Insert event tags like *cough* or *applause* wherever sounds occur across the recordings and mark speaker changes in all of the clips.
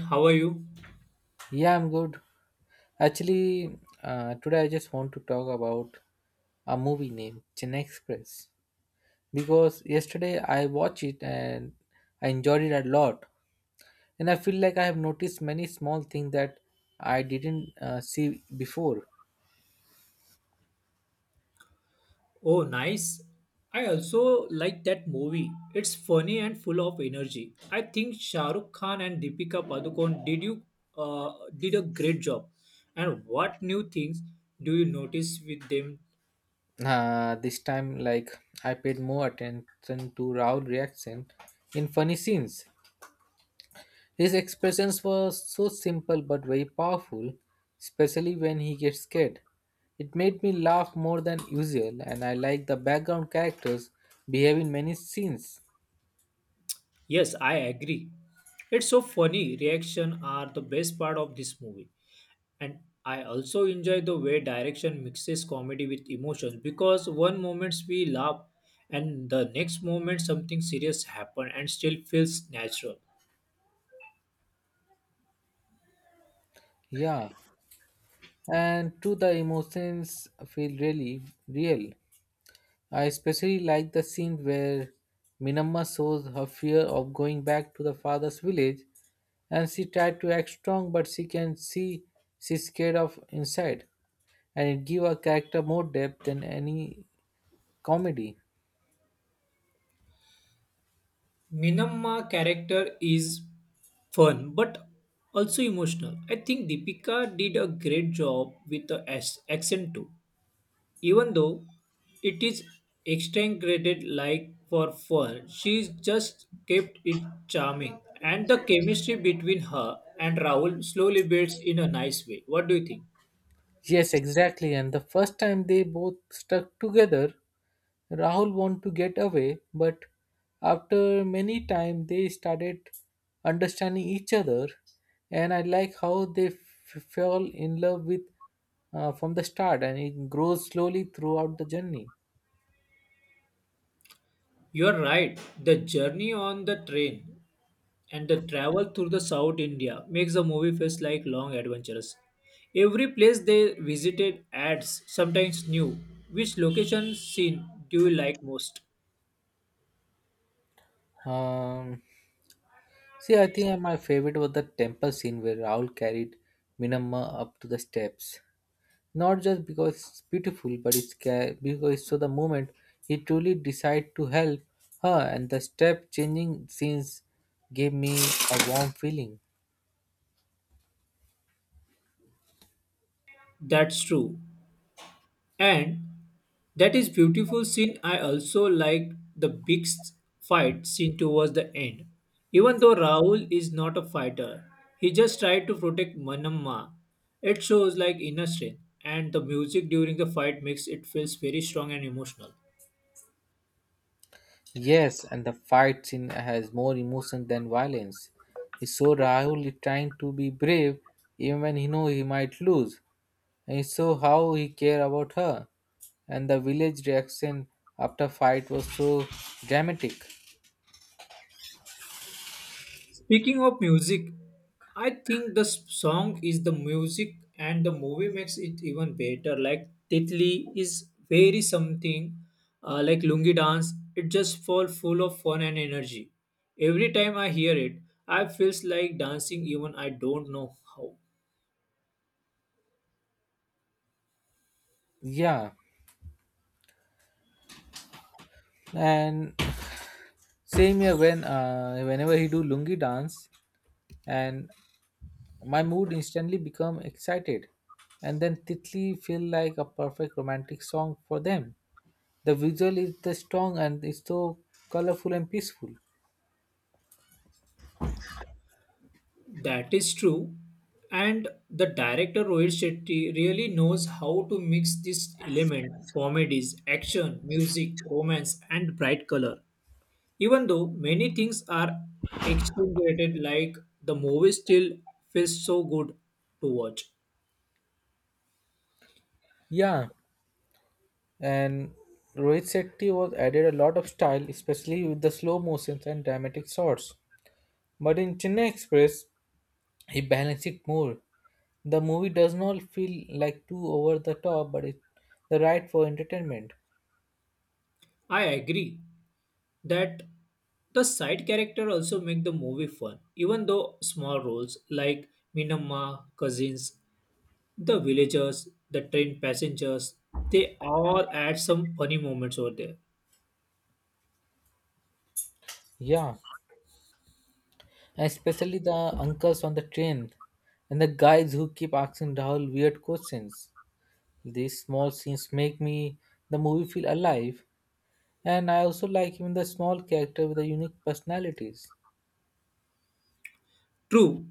Speaker 1: How are you?
Speaker 2: Yeah, I'm good. Actually, today I just want to talk about a movie named Chennai Express because yesterday I watched it and I enjoyed it a lot. And I feel like I have noticed many small things that I didn't see before.
Speaker 1: Oh, nice. I also like that movie. It's funny and full of energy. I think Shah Rukh Khan and Deepika Padukone uh, did a great job. And what new things do you notice with them?
Speaker 2: This time, like I paid more attention to Raul reaction in funny scenes. His expressions were so simple but very powerful, especially when he gets scared. It made me laugh more than usual, and I like the background characters behave in many scenes.
Speaker 1: Yes, I agree. It's so funny. Reaction are the best part of this movie. And I also enjoy the way direction mixes comedy with emotion because one moment we laugh and the next moment something serious happen and still feels natural.
Speaker 2: Yeah, and too, the emotions feel really real. I especially like the scene where Minamma shows her fear of going back to the father's village, and she tried to act strong, but she can see she's scared of inside, and it give her character more depth than any comedy.
Speaker 1: Minamma character is fun but also emotional. I think Deepika did a great job with the as accent too. Even though it is exaggerated like for fun, she just kept it charming. And the chemistry between her and Raoul slowly builds in a nice way. What do you think?
Speaker 2: Yes, exactly. And the first time they both stuck together, Rahul wanted to get away, but after many time they started understanding each other, and I like how they fell in love with from the start, and it grows slowly throughout the journey.
Speaker 1: You are right. The journey on the train and the travel through the South India makes the movie feels like long adventures. Every place they visited adds sometimes new. Which location scene do you like most?
Speaker 2: Um, See, I think my favorite was the temple scene where Rahul carried Minamma up to the steps. Not just because it's beautiful, but it's because it's so the moment he truly decided to help her, and the step changing scenes gave me a warm feeling.
Speaker 1: That's true. And that is beautiful scene. I also liked the fight scene towards the end. Even though Rahul is not a fighter, he just tried to protect Manamma. It shows like inner strength, and the music during the fight makes it feels very strong and emotional.
Speaker 2: Yes, and the fight scene has more emotion than violence. He saw Rahul is trying to be brave even when he know he might lose. And he saw how he care about her. And the village reaction after fight was so dramatic.
Speaker 1: Speaking of music, I think the s- song is the music and the movie makes it even better. Like Titli is very something like Lungi dance. It just fall full of fun and energy. Every time I hear it, I feels like dancing even I don't know how.
Speaker 2: Yeah. And same here when whenever he do lungi dance, and my mood instantly become excited, and then Titli feel like a perfect romantic song for them. The visual is the strong and it's so colorful and peaceful.
Speaker 1: That is true. And the director Rohit Shetty really knows how to mix this element comedies, action, music, romance and bright color. Even though many things are excruciated, like the movie still feels so good to watch.
Speaker 2: Yeah, and Rohit Shetty was added a lot of style, especially with the slow motions and dramatic shots. But in Chennai Express, he balanced it more. The movie does not feel like too over the top, but it's the right for entertainment.
Speaker 1: I agree that the side character also make the movie fun. Even though small roles like Minamma, cousins, the villagers, the train passengers, they all add some funny moments over there.
Speaker 2: Yeah, and especially the uncles on the train and the guys who keep asking Rahul weird questions. These small scenes make me the movie feel alive, and I also like even the small character with the unique personalities.
Speaker 1: True,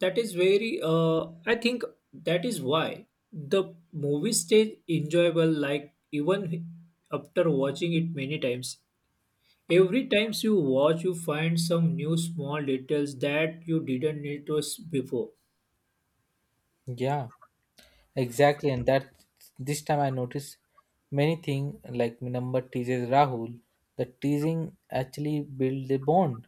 Speaker 1: that is very. I think that is why the movie stays enjoyable. Like even after watching it many times, every times you watch, you find some new small details that you didn't notice before.
Speaker 2: Yeah, exactly, and that this time I noticed many things like my number teases Rahul. The teasing actually build a bond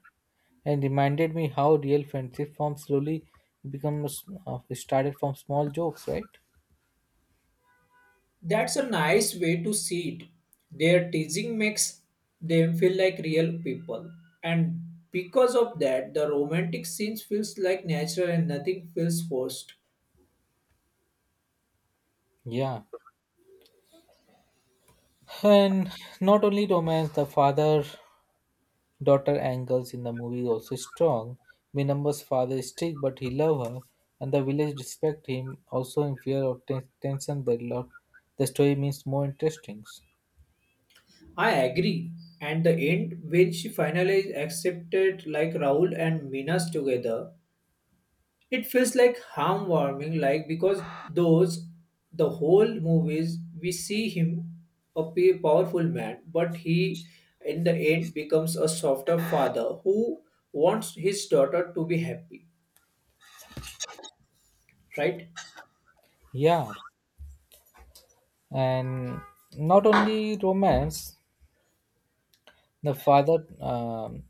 Speaker 2: and reminded me how real friendship forms slowly becomes started from small jokes, right?
Speaker 1: That's a nice way to see it. Their teasing makes them feel like real people, and because of that, the romantic scenes feels like natural and nothing feels forced.
Speaker 2: Yeah. And not only romance, the father daughter angles in the movie is also strong. Minamba's father is strict, but he love her, and the village respect him. Also, in fear of tension, that lot the story means more interesting.
Speaker 1: I agree. And the end, when she finally accepted like Raul and Minas together, it feels like heartwarming, like because those the whole movies we see him powerful man, but he in the end becomes a softer father who wants his daughter to be happy. Right?
Speaker 2: Yeah, and not only romance, the father.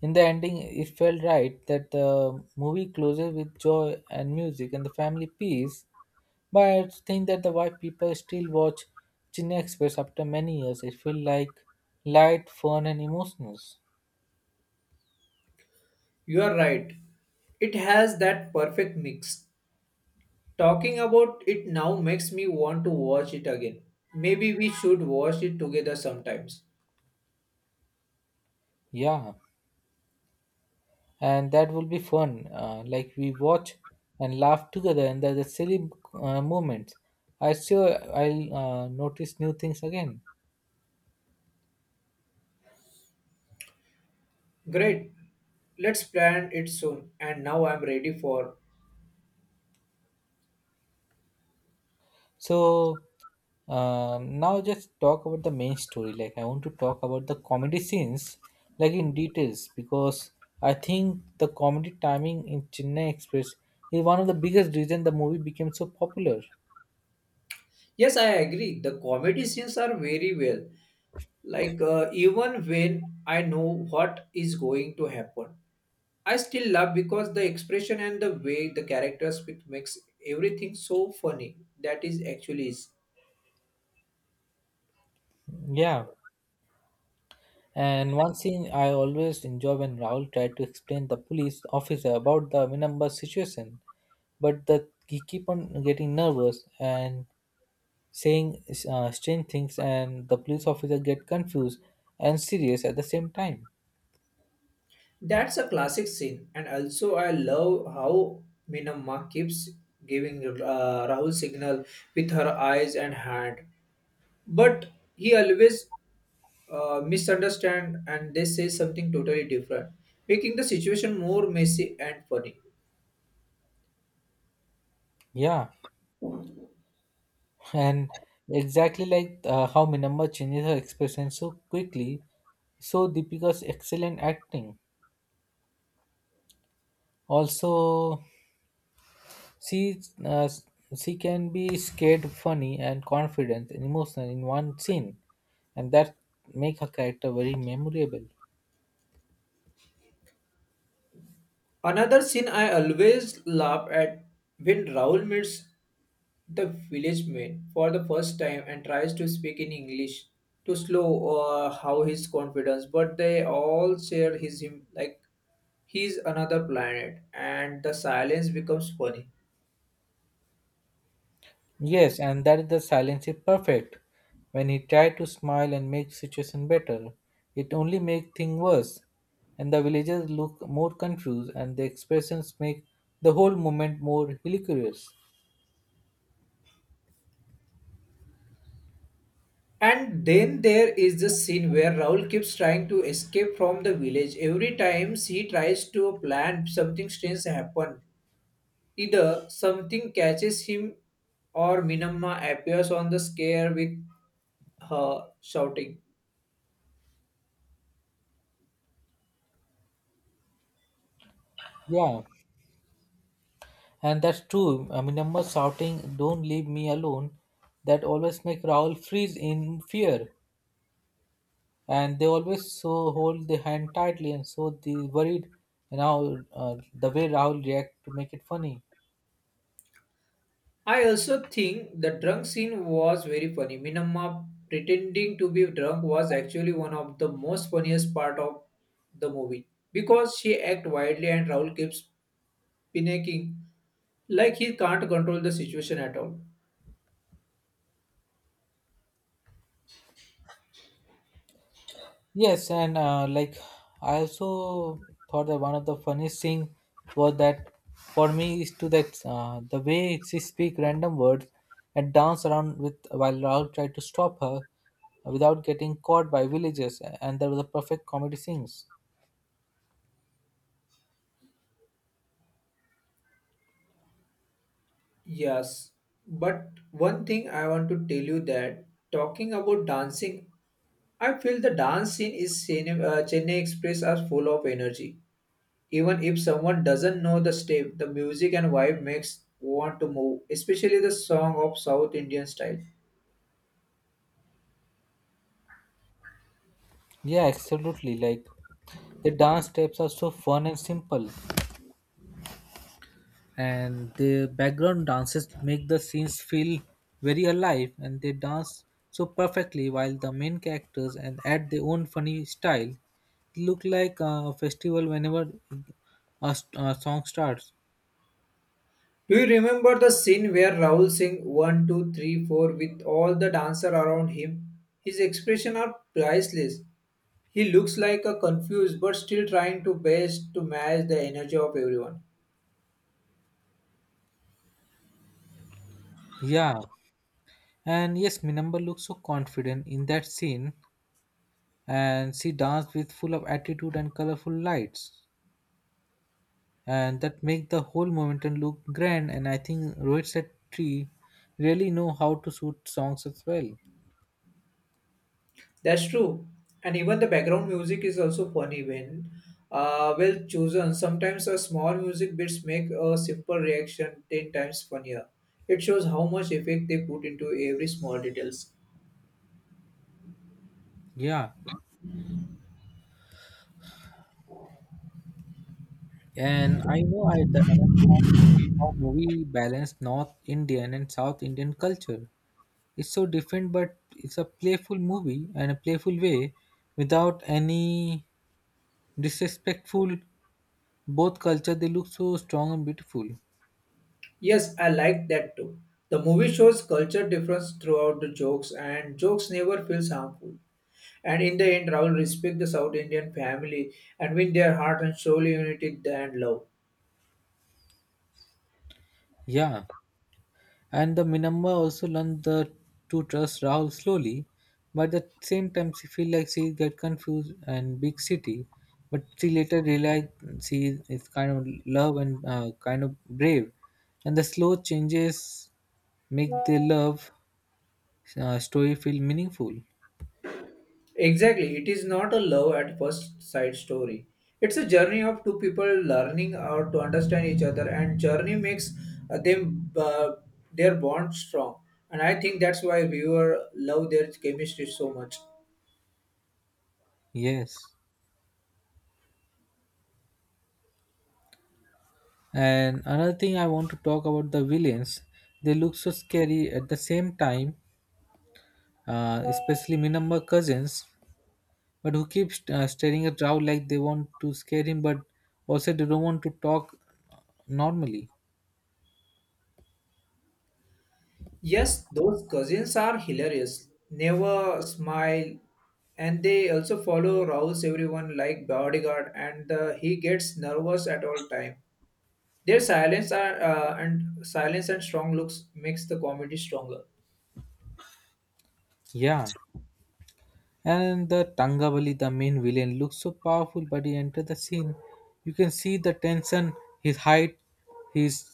Speaker 2: In the ending, it felt right that the movie closes with joy and music and the family peace. But I think that the why people still watch Chennai Express after many years. It feel like light, fun, and emotional.
Speaker 1: You are right. It has that perfect mix. Talking about it now makes me want to watch it again. Maybe we should watch it together sometimes.
Speaker 2: Yeah, and that will be fun. Like we watch and laugh together, and there's a silly moments. I still I'll notice new things again.
Speaker 1: Great. Let's plan it soon. And now I'm ready for.
Speaker 2: So now just talk about the main story. Like I want to talk about the comedy scenes, like in details, because I think the comedy timing in Chennai Express is one of the biggest reason the movie became so popular.
Speaker 1: Yes, I agree. The comedy scenes are very well. Like, even when I know what is going to happen, I still laugh because the expression and the way the characters speak makes everything so funny. That is actually is.
Speaker 2: Yeah. And one scene I always enjoy when Rahul tried to explain the police officer about the Minamba situation, but the he keep on getting nervous and saying strange things, and the police officer get confused and serious at the same time.
Speaker 1: That's a classic scene, and also I love how Minamma keeps giving Rahul signal with her eyes and hand, but he always misunderstand and they say something totally different, making the situation more messy and funny.
Speaker 2: Yeah, *laughs* and exactly like how Minamma changes her expression so quickly, so Deepika's excellent acting. Also, she uh, she can be scared, funny, and confident and emotional in one scene, and that make her character very memorable.
Speaker 1: Another scene I always laugh at when Rahul meets the village man for the first time and tries to speak in English to slow how his confidence, but they all share his him like he's another planet, and the silence becomes funny.
Speaker 2: Yes, and that is the silence is perfect. When he tried to smile and make situation better, it only make thing worse. And the villagers look more confused and the expressions make the whole moment more hilarious.
Speaker 1: And then there is the scene where Raul keeps trying to escape from the village. Every time he tries to plan, something strange happen. Either something catches him or Minamma appears on the scare with her shouting.
Speaker 2: Yeah, and that's true. I mean, number shouting, "Don't leave me alone," that always make Raoul freeze in fear, and they always so hold the hand tightly, and so they worried. And now the way Raoul react to make it funny.
Speaker 1: I also think the drunk scene was very funny. Minamma pretending to be drunk was actually one of the most funniest part of the movie because she act wildly and Raul keeps panicking like he can't control the situation at all.
Speaker 2: Yes, and like I also thought that one of the funniest thing was that for me is to that the way she speak random words and dance around with while Raul tried to stop her without getting caught by villagers, and there was a perfect comedy scenes.
Speaker 1: Yes, but one thing I want to tell you that talking about dancing, I feel the dance scene is Chennai Express are full of energy. Even if someone doesn't know the step, the music and vibe makes want to move, especially the song of South Indian style.
Speaker 2: Yeah, absolutely. Like the dance steps are so fun and simple, and the background dances make the scenes feel very alive and they dance so perfectly while the main characters and add their own funny style. It look like a festival whenever a song starts.
Speaker 1: Do you remember the scene where Rahul Singh one, two, three, four with all the dancer around him? His expression are priceless. He looks like a confused but still trying to best to match the energy of everyone.
Speaker 2: Yeah, and yes, Minamba looks so confident in that scene, and she danced with full of attitude and colorful lights, and that make the whole momentum look grand, and I think Rohit Tree really know how to shoot songs as well.
Speaker 1: That's true. And even the background music is also funny when well chosen. Sometimes a small music bits make a simple reaction 10 times funnier. It shows how much effect they put into every small details.
Speaker 2: Yeah, and I know I the other time how movie balance North Indian and South Indian culture. It's so different, but it's a playful movie and a playful way, without any disrespectful. Both culture they look so strong and beautiful.
Speaker 1: Yes, I like that too. The movie shows culture difference throughout the jokes and jokes never feels harmful. And in the end, Raul respect the South Indian family and win their heart and soul unity and love.
Speaker 2: Yeah, and the Minamma also learned to trust Rahul slowly, but at the same time she feel like she get confused and big city, but she later realized she is kind of love and kind of brave, and the slow changes make their love story feel meaningful.
Speaker 1: Exactly, it is not a love at first sight story. It's a journey of two people learning how to understand each other, and journey makes them their bond strong. And I think that's why viewer love their chemistry so much.
Speaker 2: Yes, and another thing I want to talk about the villains. They look so scary at the same time, especially Minamma cousins, but who keeps staring at Rao like they want to scare him, but also they don't want to talk normally.
Speaker 1: Yes, those cousins are hilarious. Never smile, and they also follow Raoul's everyone like bodyguard, and he gets nervous at all time. Their silence are, and silence and strong looks makes the comedy stronger.
Speaker 2: Yeah, and the Tangavali, the main villain, looks so powerful, but he enters the scene. You can see the tension, his height, his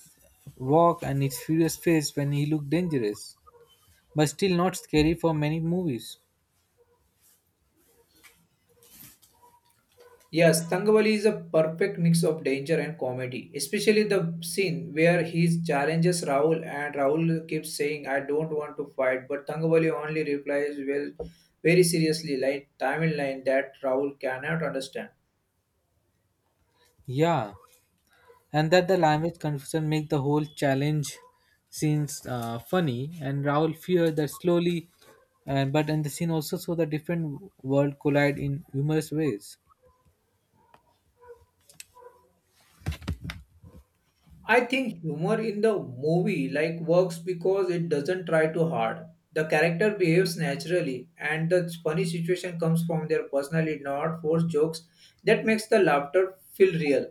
Speaker 2: walk, and his furious face when he looked dangerous, but still not scary for many movies.
Speaker 1: Yes, Tangavali is a perfect mix of danger and comedy, especially the scene where he challenges Rahul and Rahul keeps saying, I don't want to fight, but Tangavali only replies, well, very seriously, like Tamil line that Rahul cannot understand.
Speaker 2: Yeah. And that the language confusion make the whole challenge scenes funny and Raul fear that slowly and but in the scene also saw the different world collide in humorous ways.
Speaker 1: I think humor in the movie like works because it doesn't try too hard. The character behaves naturally, and the funny situation comes from their personality, not forced jokes. That makes the laughter feel real.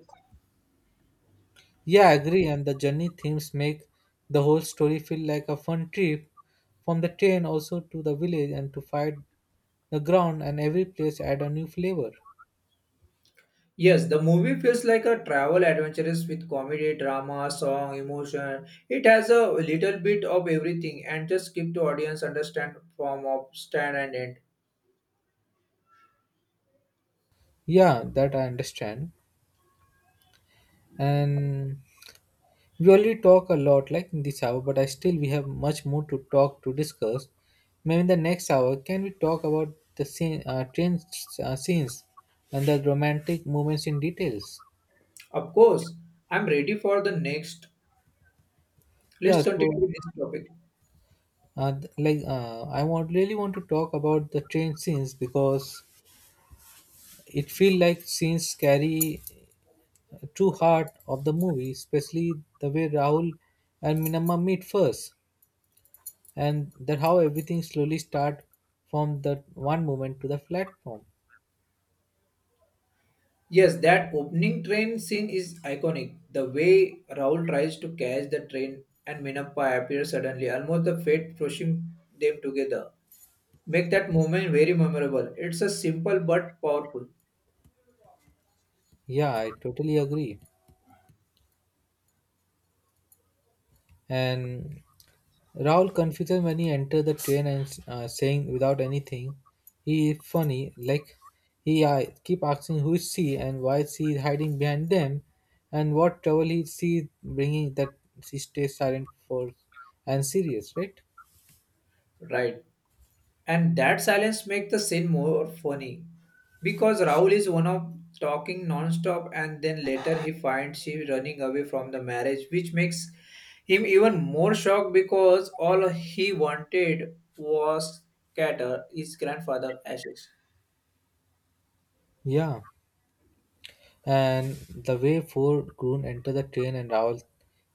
Speaker 2: Yeah, I agree, and the journey themes make the whole story feel like a fun trip from the train also to the village and to fight the ground, and every place add a new flavor.
Speaker 1: Yes, the movie feels like a travel adventures with comedy, drama, song, emotion. It has a little bit of everything and just keep the audience understand from of stand and end.
Speaker 2: Yeah, that I understand. And we already talk a lot like in this hour, but I still we have much more to talk to discuss. Maybe in the next hour, can we talk about the train scenes and the romantic moments in details?
Speaker 1: Of course, I'm ready for the next.
Speaker 2: Yeah,
Speaker 1: Let's continue
Speaker 2: so
Speaker 1: with this topic.
Speaker 2: like I want really want to talk about the train scenes because it feel like scenes carry true heart of the movie, especially the way Rahul and Minamma meet first. And that how everything slowly start from that one moment to the platform.
Speaker 1: Yes, that opening train scene is iconic. The way Raul tries to catch the train and Minappa appears suddenly, almost the fate pushing them together. Make that moment very memorable. It's a simple but powerful.
Speaker 2: Yeah, I totally agree. And Rahul confuses when he enter the train and saying without anything he is funny like he keep asking who is she and why she is hiding behind them and what trouble he she is bringing, that she stays silent for and serious, right?
Speaker 1: Right. And that silence makes the scene more funny because Raul is one of talking non-stop and then later he finds she running away from the marriage which makes him even more shocked because all he wanted was scatter his grandfather ashes.
Speaker 2: Yeah. And the way four grown enter the train and Raul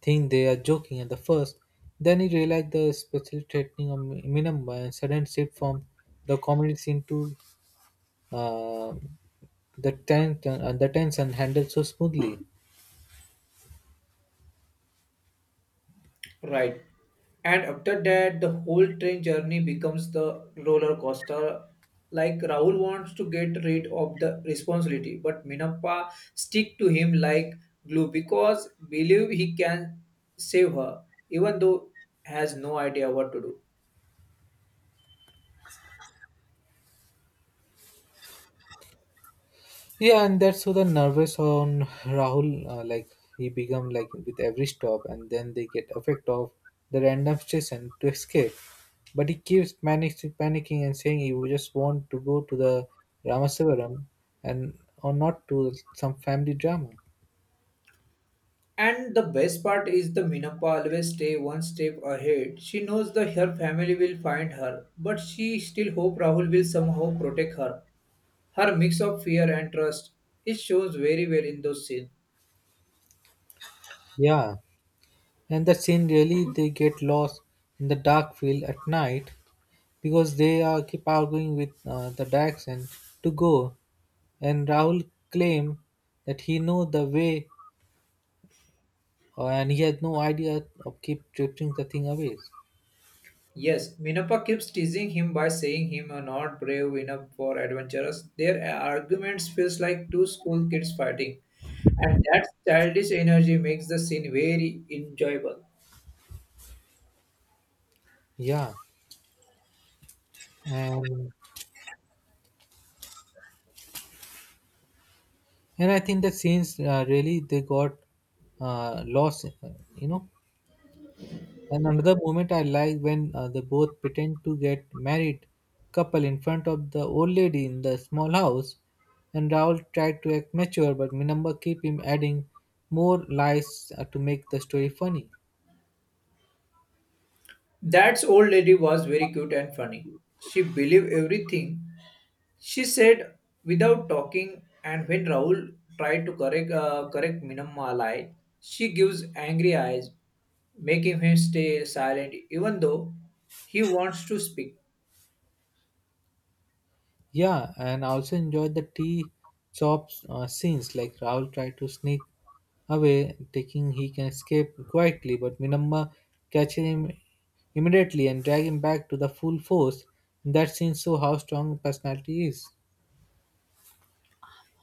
Speaker 2: think they are joking at the first. Then he realized the special threatening of Minamba and sudden shift from the comedy scene to uh, the tension handled so smoothly.
Speaker 1: Right. And after that, the whole train journey becomes the roller coaster. Like Rahul wants to get rid of the responsibility, but Minappa stick to him like glue because believe he can save her, even though has no idea what to do.
Speaker 2: Yeah, and that's so the nervous on Rahul, like he become like with every stop, and then they get effect of the random station to escape. But he keeps panicking and saying he would just want to go to the Ramasavaram and or not to some family drama.
Speaker 1: And the best part is the Minappa always stay one step ahead. She knows that her family will find her, but she still hope Rahul will somehow protect her. Her mix of fear and trust, it shows very well in those scenes.
Speaker 2: Yeah, and the scene really they get lost in the dark field at night because they are keep arguing with the Dax and to go, and Rahul claim that he know the way and he had no idea of keep drifting the thing away.
Speaker 1: Yes, Minappa keeps teasing him by saying him are not brave enough for adventures. Their arguments feels like two school kids fighting, and that childish energy makes the scene very enjoyable.
Speaker 2: Yeah, and and I think the scenes really they got lost, you know. And another moment I like when they both pretend to get married couple in front of the old lady in the small house, and Raoul tried to act mature, but Minamba keep him adding more lies to make the story funny.
Speaker 1: That old lady was very cute and funny. She believed everything she said without talking, and when Rahul tried to correct Minamalai, she gives angry eyes, making him stay silent even though he wants to speak.
Speaker 2: Yeah, and I also enjoyed the tea shop scenes, like Rahul tried to sneak away, thinking he can escape quietly, but Minamma catches him immediately and drag him back to the full force. That scene shows how strong personality is.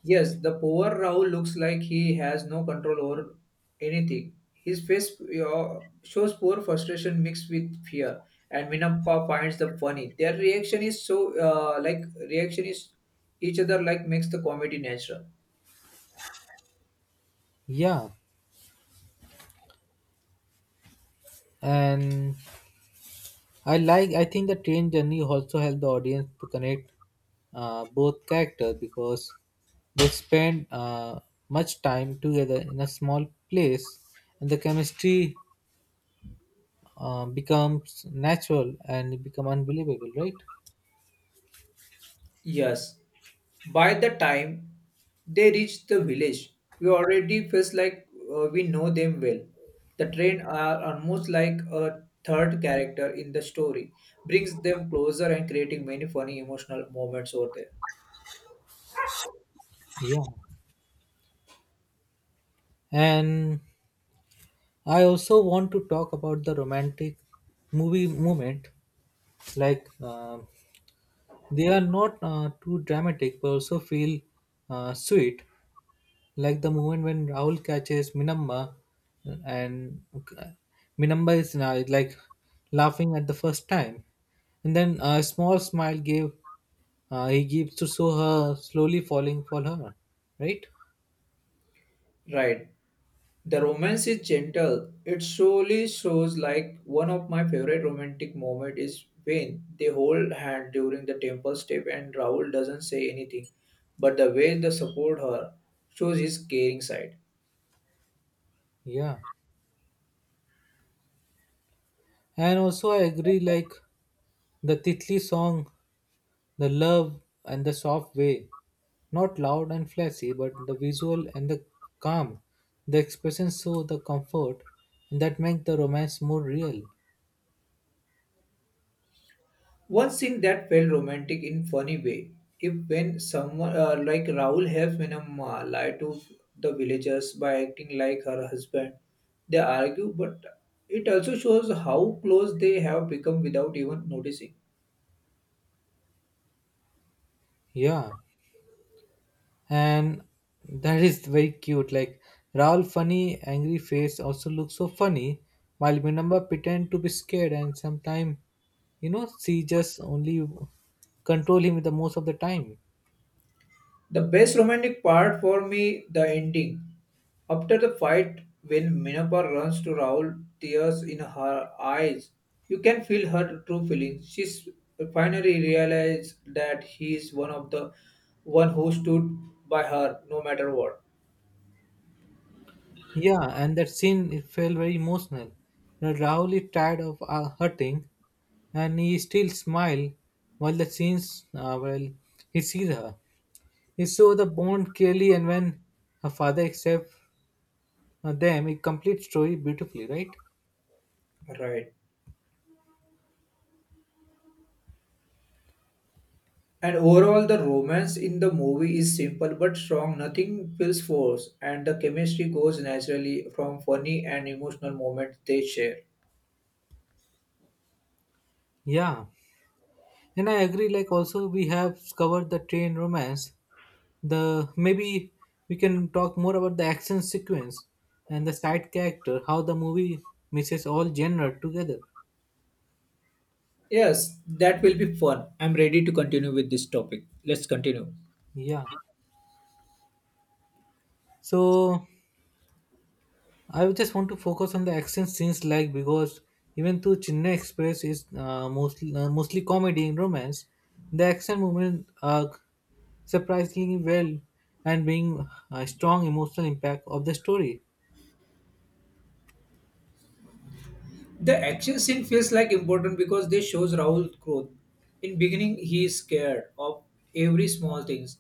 Speaker 1: Yes, the poor Rahul looks like he has no control over anything. His face shows poor frustration mixed with fear, and Minappa finds the funny. Their reaction is reaction is each other like makes the comedy natural.
Speaker 2: Yeah, and I like. I think the train journey also helped the audience to connect both characters because they spend much time together in a small place, and the chemistry becomes natural and become unbelievable, right?
Speaker 1: Yes. By the time they reached the village, we already felt like we know them well. The train are almost like a third character in the story, brings them closer and creating many funny emotional moments over there.
Speaker 2: Yeah, and I also want to talk about the romantic movie moment, like they are not too dramatic but also feel sweet, like the moment when Rahul catches Minamma, and uh, Minamma is like laughing at the first time, and then a small smile gave he gives to show her slowly falling for her, right?
Speaker 1: Right. The romance is gentle. It solely shows like one of my favorite romantic moment is when they hold hand during the temple step and Raoul doesn't say anything, but the way they support her shows his caring side.
Speaker 2: Yeah, and also I agree, like the Titli song, the love and the soft way, not loud and flashy, but the visual and the calm, the expressions show the comfort, and that make the romance more real.
Speaker 1: One scene that felt romantic in funny way, if when someone like Raoul helps Minamma lie to the villagers by acting like her husband, they argue, but it also shows how close they have become without even noticing.
Speaker 2: Yeah, and that is very cute. Like Raoul funny angry face also looks so funny, while Minamba pretend to be scared and sometimes you know she just only control him the most of the time.
Speaker 1: The best romantic part for me, the ending. After the fight, when Minapa runs to Raul, tears in her eyes, you can feel her true feelings. Finally realized that he is one of the one who stood by her no matter what.
Speaker 2: Yeah, and that scene it felt very emotional. You know, Rahul is tired of hurting, and he still smile while the scenes well he sees her. He saw the bond clearly, and when her father accept them it complete story beautifully, right?
Speaker 1: Right. And overall, the romance in the movie is simple but strong. Nothing feels forced, and the chemistry goes naturally from funny and emotional moments they share.
Speaker 2: Yeah, and I agree. Like also we have covered the train romance. The maybe we can talk more about the action sequence and the side character, how the movie mixes all genre together.
Speaker 1: Yes, that will be fun. I'm ready to continue with this topic. Let's continue.
Speaker 2: Yeah. So I just want to focus on the action scenes, like because even though Chennai Express is mostly comedy and romance, the action movement are surprisingly well and being a strong emotional impact of the story.
Speaker 1: The action scene feels like important because this shows Rahul's growth. In beginning, he is scared of every small things,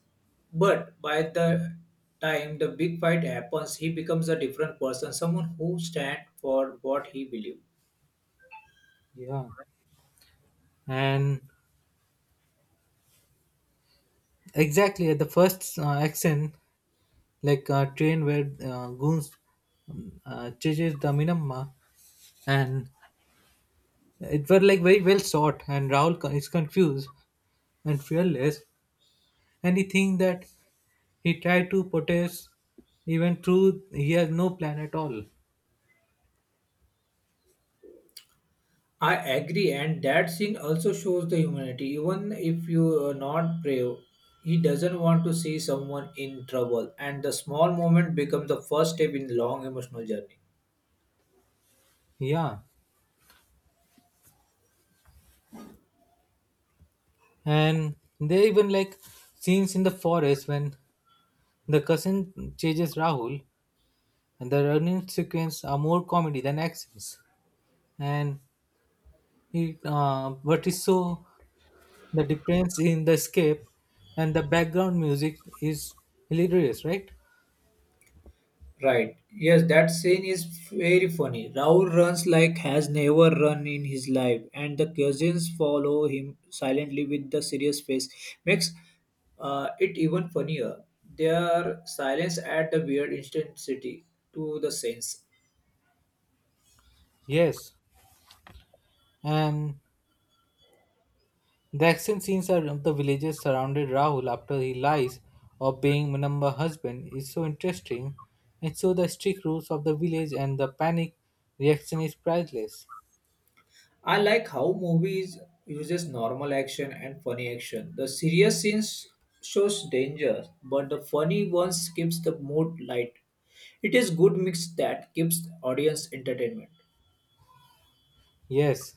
Speaker 1: but by the time the big fight happens, he becomes a different person, someone who stands for what he believes.
Speaker 2: Yeah, and exactly at the first action, like train where goons chases the Minamma, and it were like very well shot, and is confused and fearless, and he think that he tried to protest even through he has no plan at all.
Speaker 1: I agree, and that scene also shows the humanity. Even if you are not brave, he doesn't want to see someone in trouble, and the small moment becomes the first step in the long emotional journey.
Speaker 2: Yeah. And there even like scenes in the forest when the cousin chases Rahul and the running sequence are more comedy than actions. And it but is so the difference in the escape and the background music is hilarious, right?
Speaker 1: Right. Yes, that scene is very funny. Raul runs like has never run in his life, and the cousins follow him silently with the serious face. Makes it even funnier. Their silence at the weird intensity to the scenes.
Speaker 2: Yes. And the action scenes are of the villagers surrounded Rahul after he lies of being Manamba husband is so interesting, and so the strict rules of the village and the panic reaction is priceless.
Speaker 1: I like how movies uses normal action and funny action. The serious scenes shows danger, but the funny ones keeps the mood light. It is good mix that keeps audience entertainment.
Speaker 2: Yes.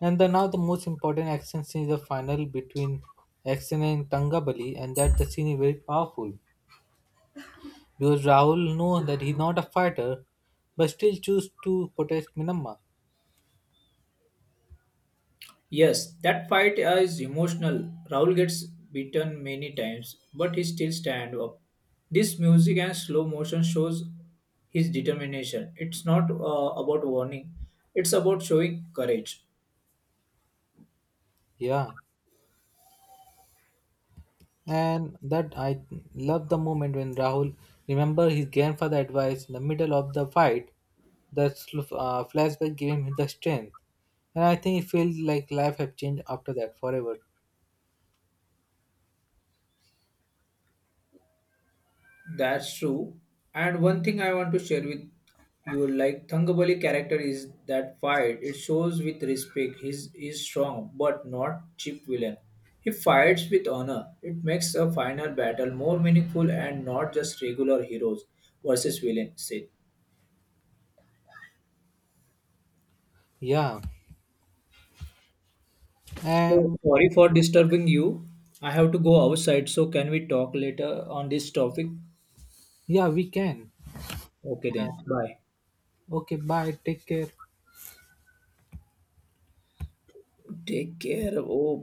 Speaker 2: And the now the most important action scene is the final between action and Tangabali, and that the scene is very powerful. Because Rahul knows that he's not a fighter but still choose to protect Minamma.
Speaker 1: Yes, that fight is emotional. Raul gets beaten many times, but he still stand up. This music and slow motion shows his determination. It's not about warning; it's about showing courage.
Speaker 2: Yeah. And that I love the moment when Rahul remember his grandfather advice in the middle of the fight. That flashback gave him the strength, and I think it feels like life have changed after that forever.
Speaker 1: That's true. And one thing I want to share with you, like Thangabali character is that fight. It shows with respect. He's is strong, but not cheap villain. He fights with honor. It makes a final battle more meaningful and not just regular heroes versus villain. Sid.
Speaker 2: Yeah,
Speaker 1: So
Speaker 2: and
Speaker 1: sorry for disturbing you. I have to go outside. So can we talk later on this topic?
Speaker 2: yeah, we can.
Speaker 1: Okay
Speaker 2: And,
Speaker 1: then. Bye.
Speaker 2: okay, bye. Take care.
Speaker 1: Take care. Oh, bye.